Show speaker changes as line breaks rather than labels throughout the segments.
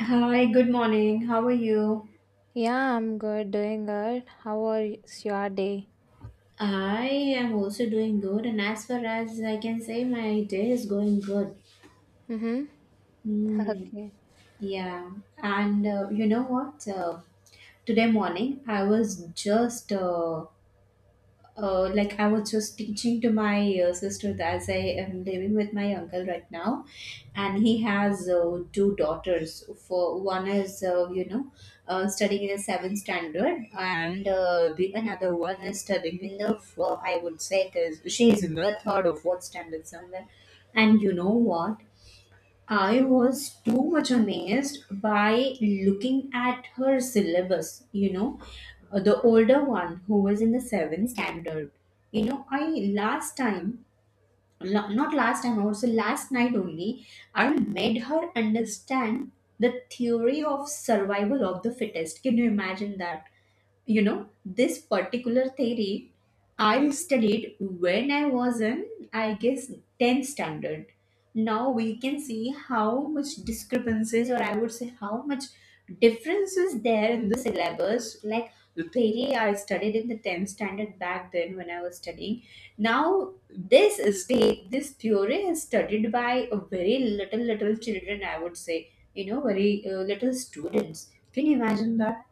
Hi, good morning. How are you?
Yeah, I'm good, doing good. How was your day?
I am also doing good, and as far as I can say, my day is going good.
Mm-hmm.
Hmm.
Okay.
Yeah, and you know what? Today morning, I was just like I was just teaching to my sister that as I am living with my uncle right now, and he has two daughters. For one is studying in the seventh standard, and the another one is studying in the four. I would say it is she is in the third or fourth standard somewhere. And you know what? I was too much amazed by looking at her syllabus, the older one who was in the seventh standard. I last time, not last time, also last night only, I made her understand the theory of survival of the fittest. Can you imagine that? This particular theory I studied when I was in, I guess, 10th standard. Now we can see how much discrepancies, or I would say, how much differences there in the syllabus. Like the theory I studied in the 10th standard back then when I was studying. Now this theory is studied by a very little children. I would say, very little students. Can you imagine that?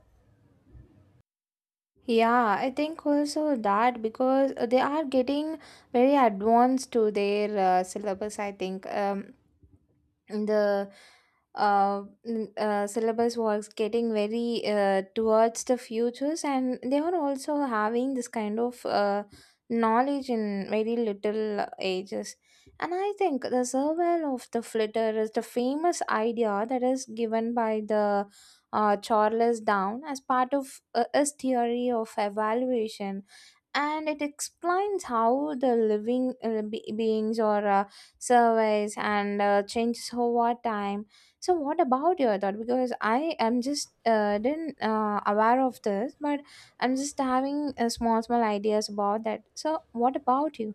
Yeah, I think also that because they are getting very advanced to their syllabus, I think. The syllabus was getting very towards the futures, and they were also having this kind of knowledge in very little ages. And I think the survival of the flitter is the famous idea that is given by the Charles Down as part of his theory of evaluation, and it explains how the living beings or surveys and changes over time. So what about your thought? Because I am just didn't aware of this, but I'm just having small small ideas about that. So what about you?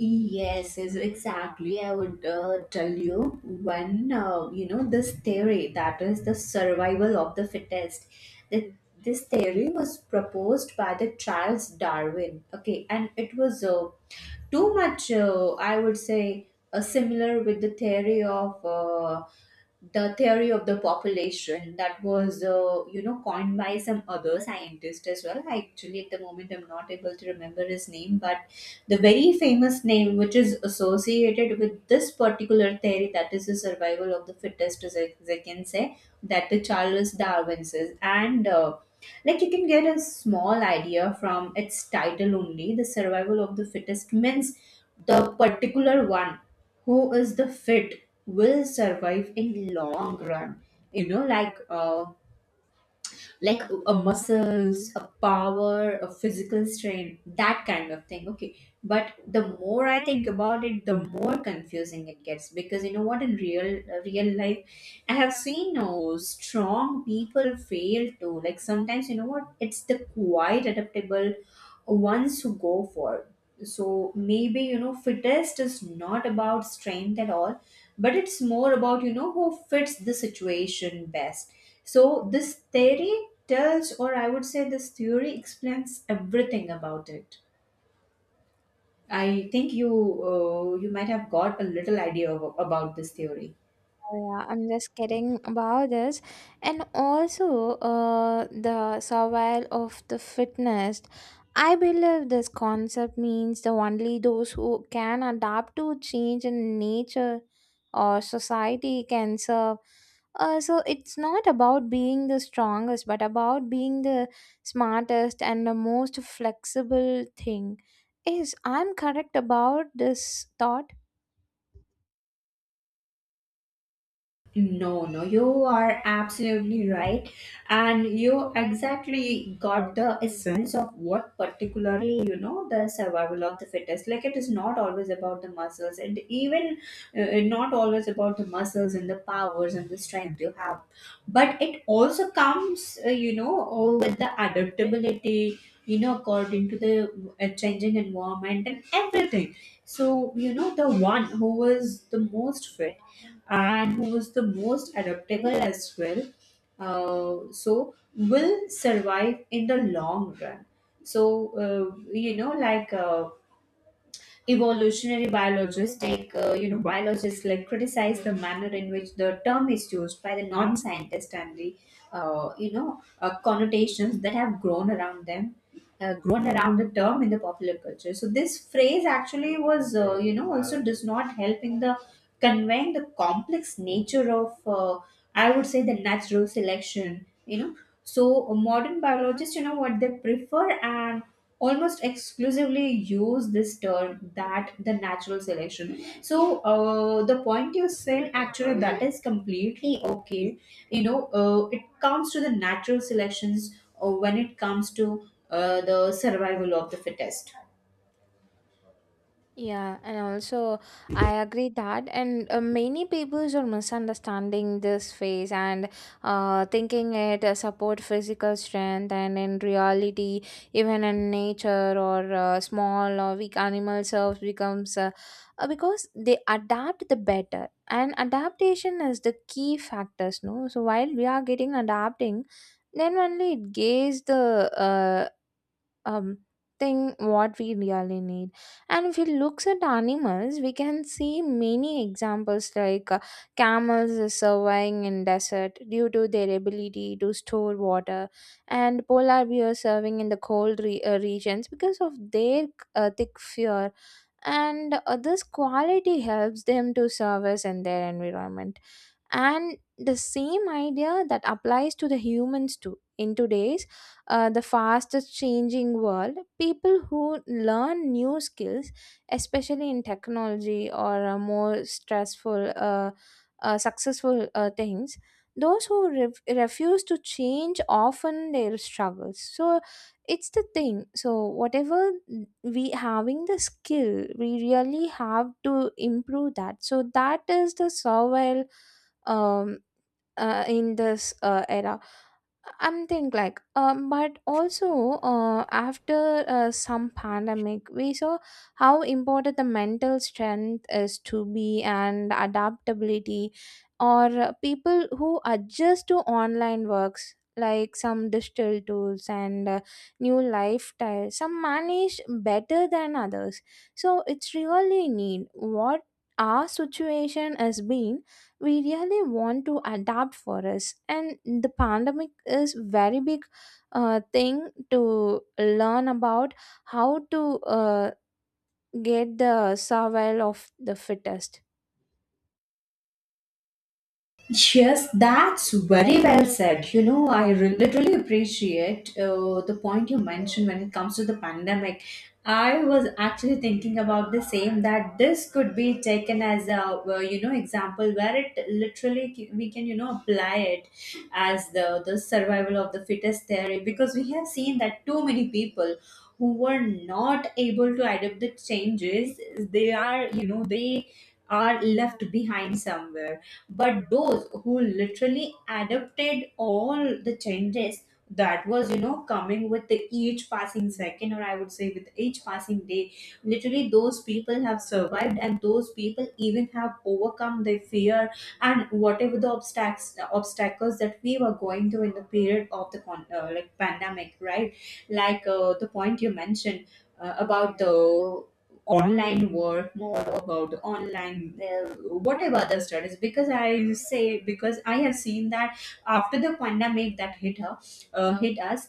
Yes, is exactly. I would tell you one, this theory that is the survival of the fittest. That this theory was proposed by the Charles Darwin. Okay, and it was too much. I would say similar with the theory of the population that was coined by some other scientist as well. Actually, at the moment, I'm not able to remember his name, but the very famous name which is associated with this particular theory, that is the survival of the fittest, as I can say, that the Charles Darwin says. And like you can get a small idea from its title only. The survival of the fittest means the particular one who is the fit will survive in long run. You know, like uh, like a muscles, a power, a physical strain, that kind of thing. Okay, but the more I think about it, the more confusing it gets, because you know what, in real life I have seen no strong people fail to, like, sometimes you know what, it's the quite adaptable ones who go for it. So maybe fittest is not about strength at all, but it's more about who fits the situation best. So this theory tells, or I would say, this theory explains everything about it. I think you might have got a little idea about this theory.
Yeah, I'm just kidding about this. And also, the survival of the fitness. I believe this concept means the only those who can adapt to change in nature or society can serve. So it's not about being the strongest, but about being the smartest and the most flexible thing. Is I'm correct about this thought?
No, no, you are absolutely right. And you exactly got the essence of what particularly, the survival of the fittest. Like it is not always about the muscles, and even not always about the muscles and the powers and the strength you have. But it also comes, all with the adaptability, according to the changing environment and everything. So, the one who was the most fit and who was the most adaptable as well. So will survive in the long run. So evolutionary biologists take biologists like criticize the manner in which the term is used by the non-scientists and the connotations that have grown around them, grown around the term in the popular culture. So this phrase actually was also does not help in the conveying the complex nature of, I would say, the natural selection. So modern biologists, you know what they prefer, and almost exclusively use this term, that the natural selection. So the point you said actually, that is completely okay. It comes to the natural selections, when it comes to the survival of the fittest.
Yeah, and also I agree that, and many people are misunderstanding this phase and thinking it support physical strength, and in reality, even in nature or small or weak animal cells becomes because they adapt the better, and adaptation is the key factors. No, so while we are getting adapting, then only it gains the um thing what we really need. And if we looks at animals, we can see many examples like camels is surviving in desert due to their ability to store water, and polar bears serving in the cold regions because of their thick fur. And this quality helps them to service in their environment, and the same idea that applies to the humans too. In today's the fastest changing world, people who learn new skills, especially in technology or more stressful, successful things, those who refuse to change often their struggles. So it's the thing. So whatever we having the skill, we really have to improve that. So that is the survival. Um, in this era, I'm think like, but also after some pandemic we saw how important the mental strength is to be, and adaptability or people who adjust to online works, like some digital tools and new lifestyle some manage better than others. So it's really need what our situation has been. We really want to adapt for us, and the pandemic is very big thing to learn about how to get the survival of the fittest.
Yes, that's very well said. You know, I literally appreciate the point you mentioned when it comes to the pandemic. I was actually thinking about the same, that this could be taken as a example where it literally we can, you know, apply it as the survival of the fittest theory, because we have seen that too many people who were not able to adapt the changes, they are, you know, they are left behind somewhere. But those who literally adapted all the changes that was, you know, coming with the each passing second, or I would say, with each passing day, literally those people have survived, and those people even have overcome their fear and whatever the obstacles that we were going through in the period of the like pandemic, right? Like the point you mentioned about the online work, more about online, whatever the studies. Because I say, because I have seen that after the pandemic that hit us,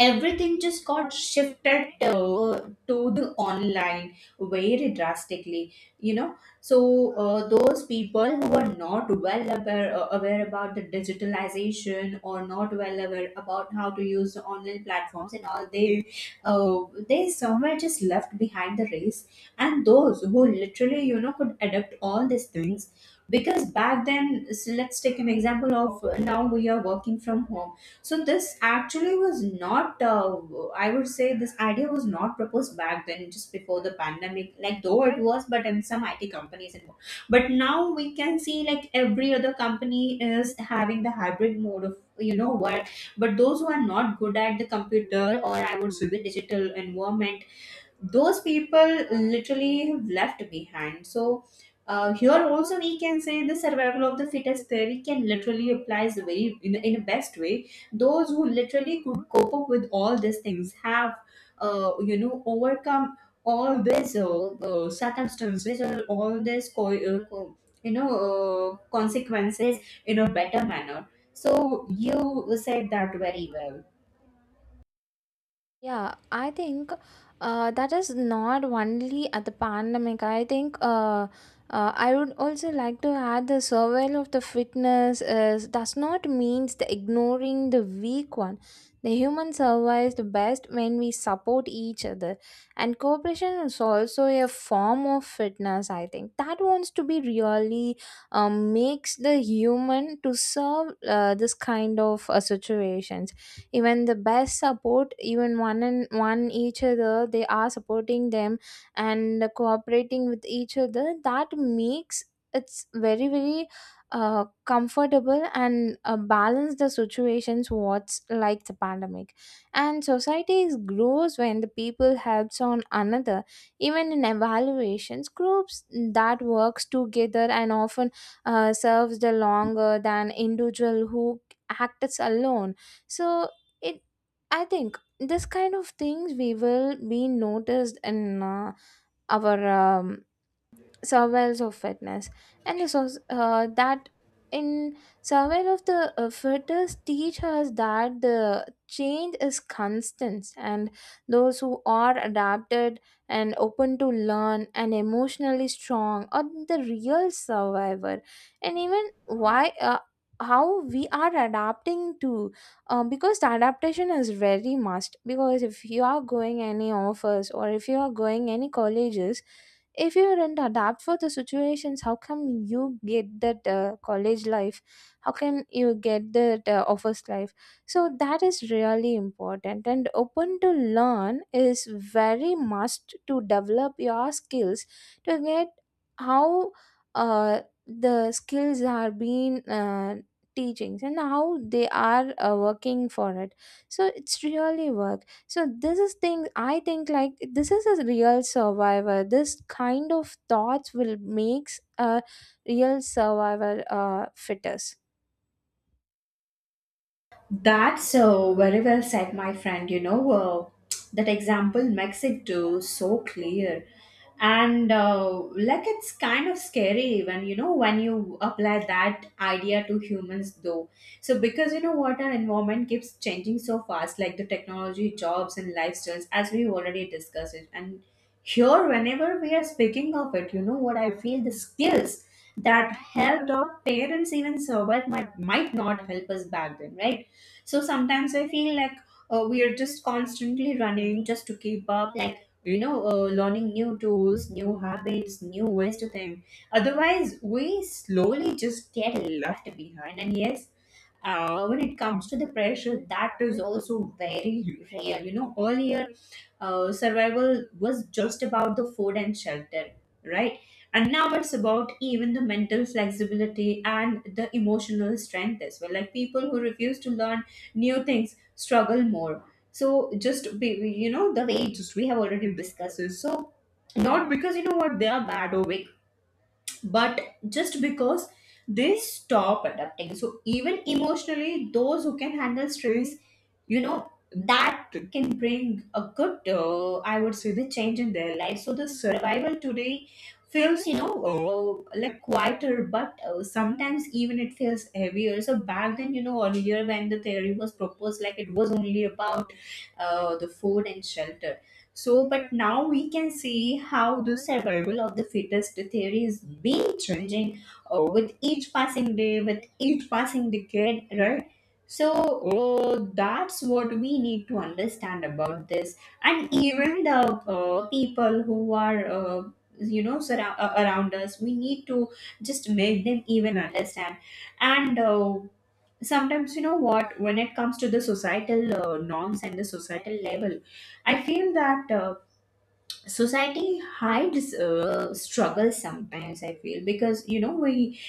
everything just got shifted to the online very drastically, you know. So those people who are not well aware, aware about the digitalization or not well aware about how to use the online platforms and all, uh, they somewhere just left behind the race. And those who literally, you know, could adapt all these things, because back then, so let's take an example of, now we are working from home. So this actually was not, I would say this idea was not proposed back then, just before the pandemic, like though it was, but in some IT companies it was. But now we can see, like, every other company is having the hybrid mode of, you know, work. But those who are not good at the computer, or I would say the digital environment, those people literally have left behind. So here also we can say the survival of the fittest theory can literally applies very in a best way. Those who literally could cope up with all these things have you know overcome all these circumstances, or all these you know consequences in a better manner. So you said that very well.
Yeah, I think that is not only at the pandemic. I think, I would also like to add the survival of the fitness is does not means the ignoring the weak one. The human survives the best when we support each other, and cooperation is also a form of fitness. I think that wants to be really, makes the human to serve this kind of situations, even the best support, even one and one each other they are supporting them and cooperating with each other. That makes it's very very comfortable and balance the situations what's like the pandemic. And societies grows when the people helps on another, even in evaluations groups that works together, and often serves the longer than individual who acts alone. So it, I think this kind of things we will be noticed in our surveils of fitness and the that in survival of the fitness teach us that the change is constant, and those who are adapted and open to learn and emotionally strong are the real survivor. And even why how we are adapting to because the adaptation is very must. Because if you are going any offers, or if you are going any colleges, if you didn't adapt for the situations, how come you get that college life? How can you get that office life? So that is really important, and open to learn is very must to develop your skills, to get how uh, the skills are being teachings and how they are working for it. So it's really work. So this is thing, I think, like this is a real survivor. This kind of thoughts will makes a real survivor, fittest.
That's so very well said, my friend. You know, that example makes it too so clear. And like it's kind of scary even, you know, when you apply that idea to humans though. So because you know what, our environment keeps changing so fast, like the technology, jobs and lifestyles, as we already discussed it. And here, whenever we are speaking of it, you know what, I feel the skills that helped our parents even survive might not help us back then, right? So sometimes I feel like we are just constantly running just to keep up, like, you know, learning new tools, new habits, new ways to think. Otherwise, we slowly just get left behind. And yes, when it comes to the pressure, that is also very real. You know, earlier survival was just about the food and shelter, right? And now it's about even the mental flexibility and the emotional strength as well. Like people who refuse to learn new things struggle more. So just be, you know the wages we have already discussed. So not because you know what, they are bad or weak, but just because they stop adapting. So even emotionally, those who can handle stress, you know, that can bring a good I would say, the change in their life. So the survival today feels, you know, like quieter, but sometimes even it feels heavier. So back then, you know, earlier when the theory was proposed, like, it was only about the food and shelter. So, but now we can see how the survival of the fittest theory is being changing with each passing day, with each passing decade, right? So that's what we need to understand about this, and even the people who are you know around us, we need to just make them even understand. And sometimes you know what, when it comes to the societal norms and the societal level, I feel that society hides struggles sometimes, I feel, because you know, we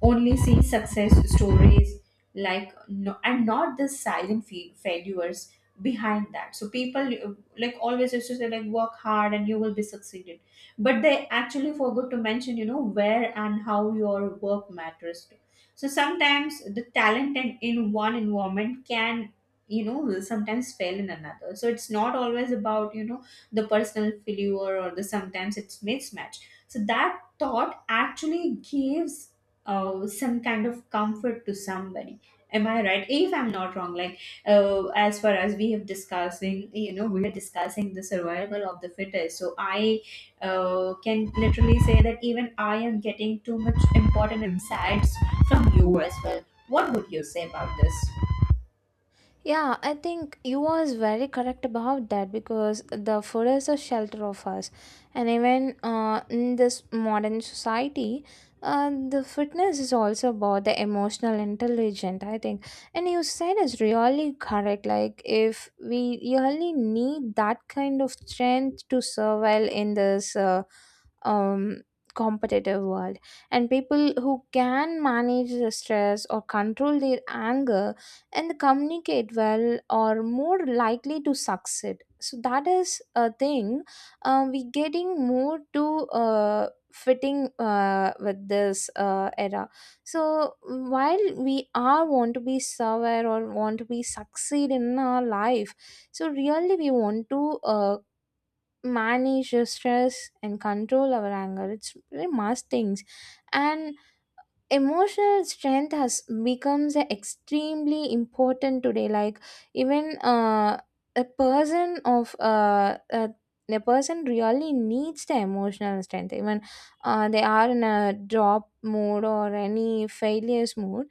only see success stories, like, no, and not the silent failures behind that. So people like always used to say, like, work hard and you will be succeeded, but they actually forgot to mention, you know, where and how your work matters to. So sometimes the talent and in one environment can, will sometimes fail in another. So it's not always about the personal failure or the sometimes it's mismatch. So that thought actually gives some kind of comfort to somebody. Am I right if I'm not wrong? Like as far as we have discussing, we are discussing the survival of the fittest, so I can literally say that even I am getting too much important insights from you as well. What would you say about this?
Yeah, I think you was very correct about that, because the food is a shelter of us, and even in this modern society, the fitness is also about the emotional intelligence, I think. And you said is really correct. Like if we really need that kind of strength to survive in this. Um, Competitive world, and people who can manage the stress or control their anger and communicate well are more likely to succeed. So that is a thing, we getting more to fitting with this era. So while we are want to be somewhere, or want to be succeed in our life, so really we want to manage the stress and control our anger, it's very must things. And emotional strength has becomes a extremely important today. Like even a person of a person really needs the emotional strength even they are in a drop mode or any failures mode.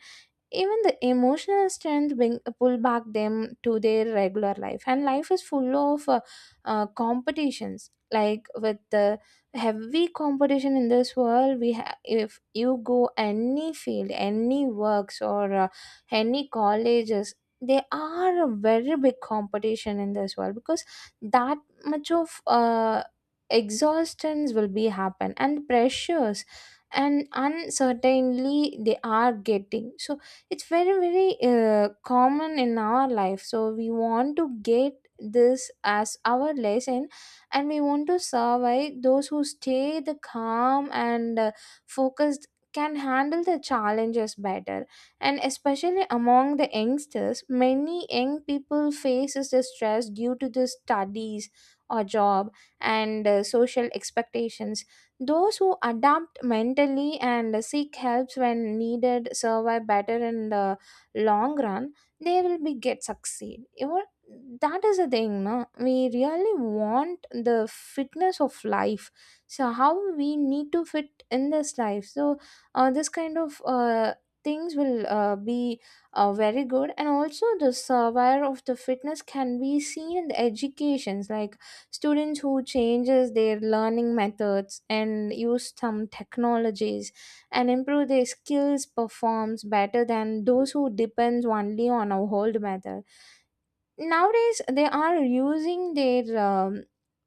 Even the emotional strength bring, pull back them to their regular life. And life is full of competitions. Like with the heavy competition in this world we have, if you go any field, any works, or any colleges, they are a very big competition in this world, because that much of exhaustions will be happen, and pressures and uncertainly they are getting. So it's very very common in our life. So we want to get this as our lesson, and we want to survive. Those who stay the calm and focused can handle the challenges better. And especially among the youngsters, many young people faces the stress due to the studies or job and social expectations. Those who adapt mentally and seek helps when needed survive better in the long run. They will be get succeed. You know, that is the thing. No, we really want the fitness of life. So how we need to fit in this life. So this kind of things will be very good. And also the survivor of the fitness can be seen in the educations. Like students who changes their learning methods and use some technologies and improve their skills performs better than those who depends only on a old method. Nowadays they are using their um,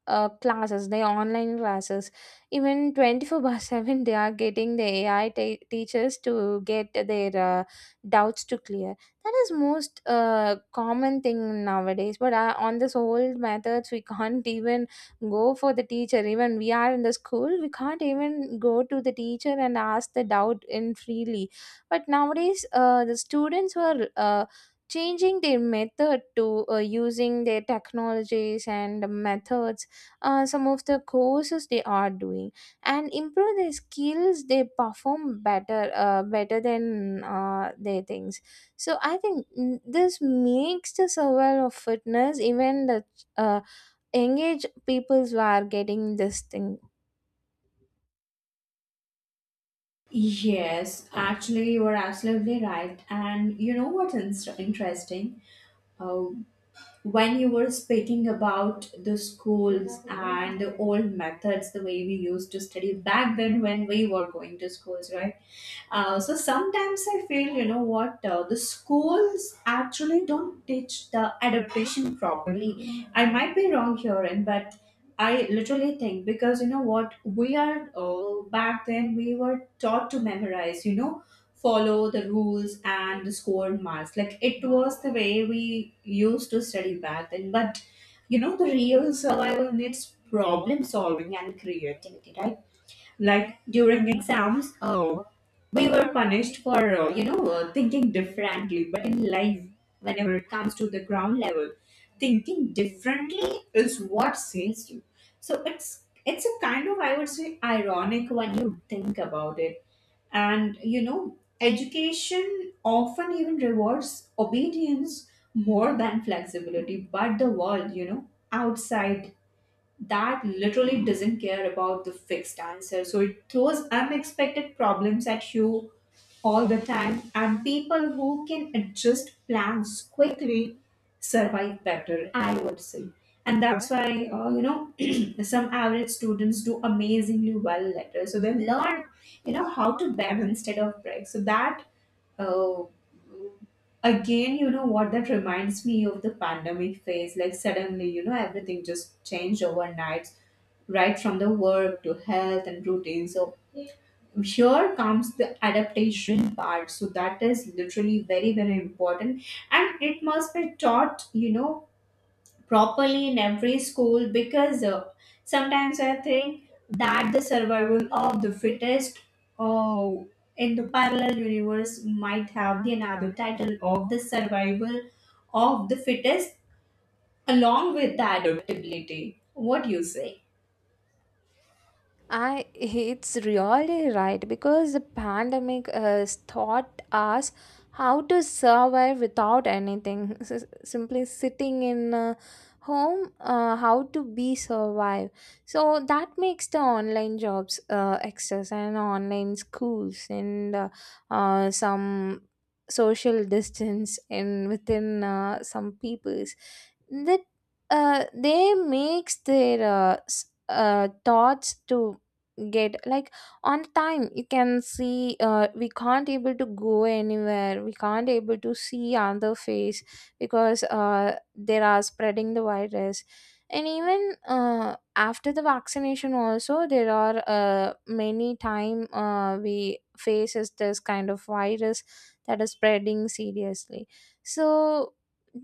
uh, classes, their online classes, even 24/7 they are getting the AI teachers to get their doubts to clear. That is most common thing nowadays. But on this old methods, we can't even go for the teacher. Even we are in the school, we can't even go to the teacher and ask the doubt in freely. But nowadays the students were changing their method to using their technologies and methods. Some of the courses they are doing and improve their skills, they perform better better than their things. So I think, this makes the survival of fitness, even the uh, engage peoples who are getting this thing.
Yes, actually, you are absolutely right. And you know what's interesting? Uh, when you were speaking about the schools and the old methods, the way we used to study back then when we were going to schools, right? So sometimes I feel, you know what, the schools actually don't teach the adaptation properly. I might be wrong here, and but I literally think, because you know what, we are back then we were taught to memorize, you know, follow the rules and the score marks. Like, it was the way we used to study back then. But you know, the real survival needs problem solving and creativity, right? Like, during exams, oh, we were punished for you know, thinking differently. But in life, whenever it comes to the ground level, thinking differently is what saves you. So it's a kind of, I would say, ironic when you think about it. And you know, education often even rewards obedience more than flexibility, but the world, you know, outside, that literally doesn't care about the fixed answer. So it throws unexpected problems at you all the time, and people who can adjust plans quickly survive better, I would say. And that's why, you know, some average students do amazingly well later. So they learn, you know, how to bend instead of break. So that uh, again, you know what, that reminds me of the pandemic phase. Like, suddenly, you know, everything just changed overnight, right from the work to health and routine. So, here comes the adaptation part. So, that is literally very, very important. And it must be taught, you know, properly in every school, because sometimes I think that the survival of the fittest, uh, in the parallel universe, might have the another title of the survival of the fittest along with the adaptability. What do you say?
I, it's really right, because the pandemic has taught us how to survive without anything. Simply sitting in a home, how to be survive. So that makes the online jobs access and online schools and some social distance in within some peoples that they makes their thoughts to get like on time you can see, we can't able to go anywhere, we can't able to see other face because they are spreading the virus. And even after the vaccination also there are many time we faces this kind of virus that is spreading seriously. So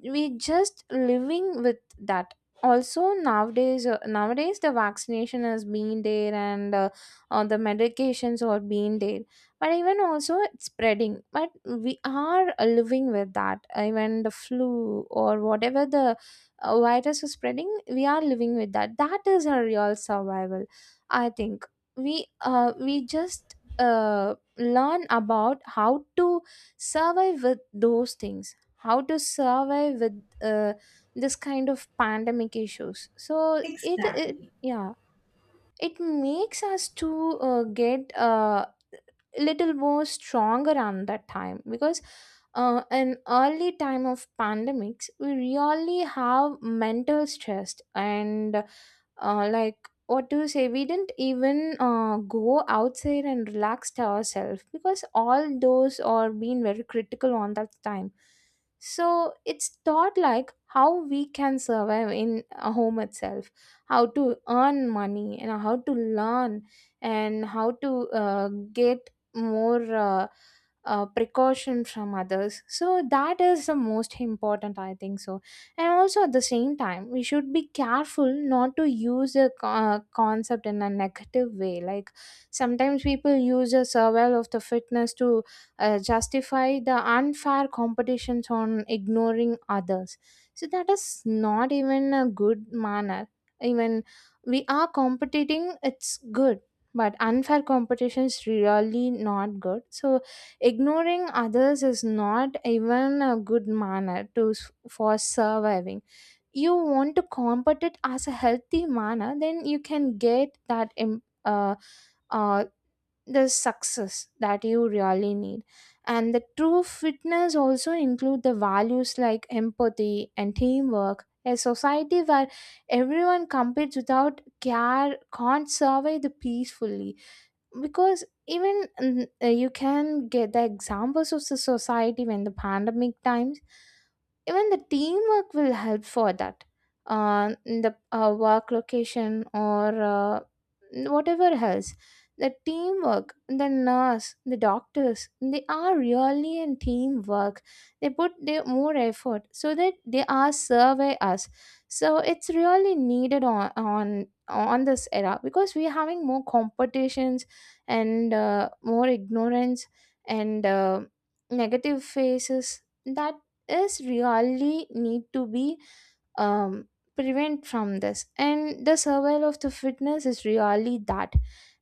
we just living with that. Also nowadays, nowadays the vaccination has been there and or the medications or being there, but even also it's spreading. But we are living with that. Even the flu or whatever the virus is spreading, we are living with that. That is our real survival, I think. We just learn about how to survive with those things, how to survive with this kind of pandemic issues. So it
Exactly.
yeah, it makes us to get little more strong around that time, because in early time of pandemics we really have mental stress and like what to say, we didn't even go outside and relaxed ourselves because all those are being very critical on that time. So it's thought like how we can survive in a home itself, how to earn money and how to learn and how to get more precaution from others. So that is the most important, I think so. And also at the same time, we should be careful not to use a concept in a negative way. Like sometimes people use a survival of the fitness to justify the unfair competitions on ignoring others. So that is not even a good manner. Even we are competing, it's good, but unfair competition is really not good. So ignoring others is not even a good manner to for surviving. You want to compete it as a healthy manner, then you can get that uh, the success that you really need. And the true fitness also include the values like empathy and teamwork. A society where everyone competes without care can't survive the peacefully, because even you can get the examples of the society when the pandemic times, even the teamwork will help for that, in the work location or whatever else. The teamwork, the nurse, the doctors, they are really in teamwork. They put their more effort so that they are survey us. So it's really needed on on this era, because we're having more competitions and more ignorance and negative faces that is really need to be um, prevent from this. And the survival of the fitness is really that.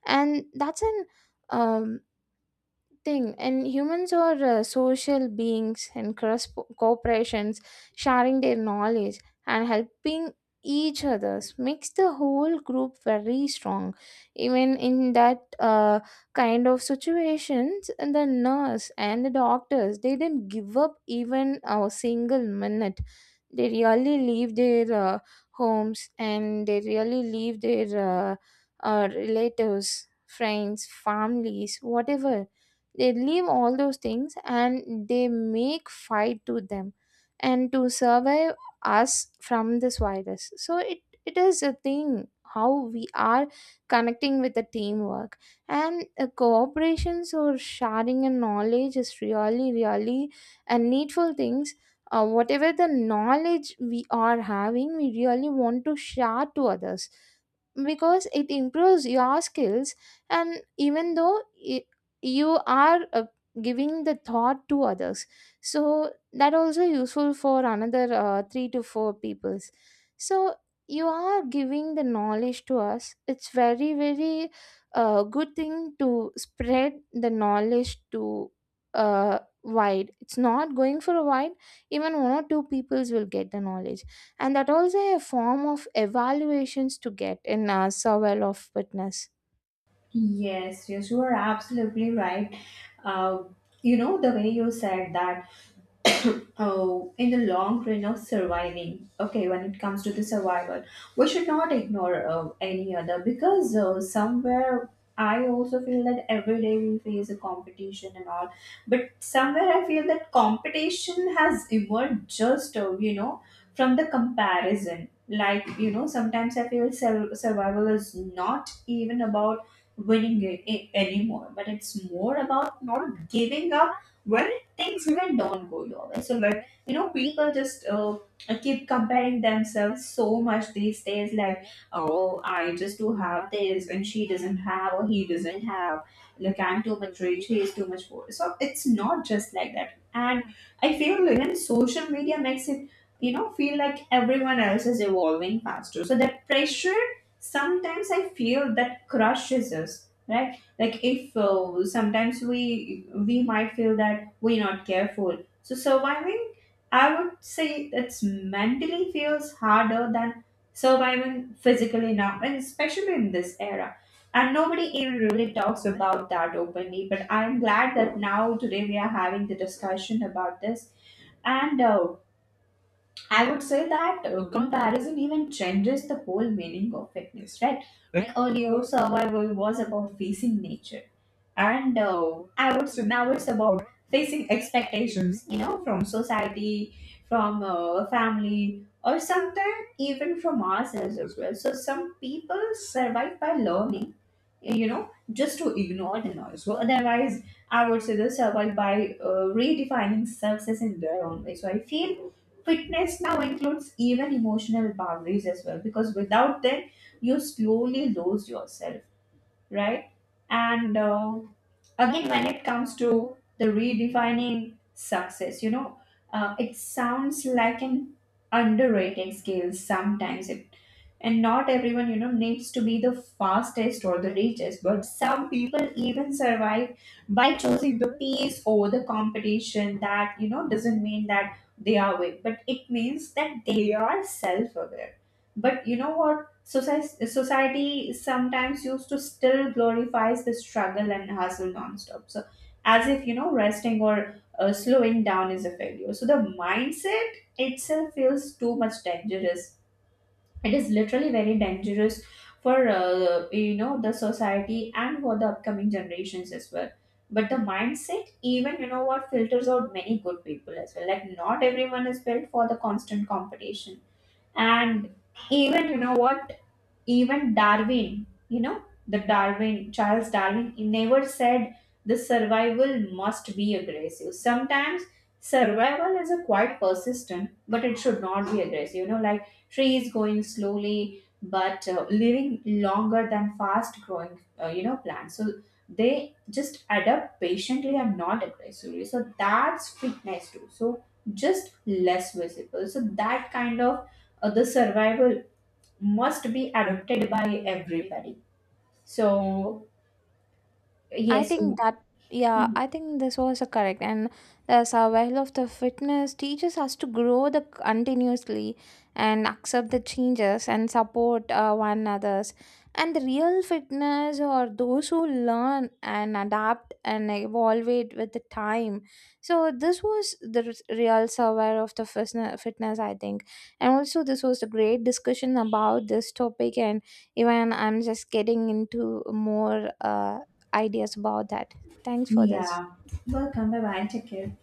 And that's an um, thing. And humans are social beings, and cross corporations sharing their knowledge and helping each others makes the whole group very strong. Even in that kind of situations, and the nurse and the doctors, they didn't give up even a single minute. They really leave their homes, and they really leave their relatives, friends, families, whatever. They leave all those things and they make fight to them and to survive us from this virus. So it is a thing how we are connecting with the teamwork. And cooperations or sharing and knowledge is really really a needful things. Whatever the knowledge we are having, we really want to share to others because it improves your skills. And even though I, you are giving the thought to others, so that also useful for another 3 to 4 peoples. So you are giving the knowledge to us. It's very very good thing to spread the knowledge to wide. It's not going for a wide. Even one or two peoples will get the knowledge, and that also a form of evaluations to get in a survey of witness.
Yes, yes, you are absolutely right. Uh, you know, the way you said that, oh, in the long run of surviving. Okay, when it comes to the survival, we should not ignore any other, because somewhere I also feel that every day we face a competition and all. But somewhere I feel that competition has emerged just, you know, from the comparison. Like, you know, sometimes I feel survival is not even about winning it anymore, but it's more about not giving up things even don't go your way. So, but you know, people just keep comparing themselves so much these days. Like, oh, I just do have this, and she doesn't have, or he doesn't have. Like, I'm too much rich, he is too much poor. So it's not just like that. And I feel even social media makes it, you know, feel like everyone else is evolving faster. So that pressure, sometimes I feel, that crushes us, right? Like, if sometimes we might feel that we're not careful. So surviving, I would say, it's mentally feels harder than surviving physically now, and especially in this era. And nobody even really talks about that openly. But I'm glad that now today we are having the discussion about this. And I would say that comparison even changes the whole meaning of fitness, right? Like, and earlier, survival was about facing nature, and I would say now it's about facing expectations, you know, from society, from family, or sometimes even from ourselves as well. So some people survive by learning, you know, just to ignore the noise. So otherwise, I would say they survive by redefining success in their own way. So I feel fitness now includes even emotional boundaries as well, because without them, you slowly lose yourself, right? And again, when it comes to the redefining success, you know, it sounds like an underrated skill sometimes. It, and not everyone, you know, needs to be the fastest or the richest, but some people even survive by choosing the peace over the competition. That, you know, doesn't mean that they are weak, but it means that they are self aware. But you know what? Society sometimes used to still glorifies the struggle and hustle nonstop. So, as if, you know, resting or slowing down is a failure. So the mindset itself feels too much dangerous. It is literally very dangerous for you know, the society and for the upcoming generations as well. But the mindset, even you know what, filters out many good people as well. Like, not everyone is built for the constant competition, and even you know what, even Darwin, you know, the darwin charles darwin, he never said the survival must be aggressive. Sometimes survival is a quite persistent, but it should not be aggressive, you know. Like trees going slowly but living longer than fast growing you know plants. So they just adapt patiently and not aggressively, so that's fitness too, so just less visible. So that kind of the survival must be adopted by everybody. So
I
yes.
think that, yeah, I
Mhm.
think this was a correct. And the survival of the fitness teaches us to grow the continuously and accept the changes and support one another's. And the real fitness or those who learn and adapt and evolve it with the time. So this was the real survival of the fitness, I think. And also this was a great discussion about this topic. And even I'm just getting into more ideas about that. Thanks for this.
Yeah. Welcome. Bye bye. Take care.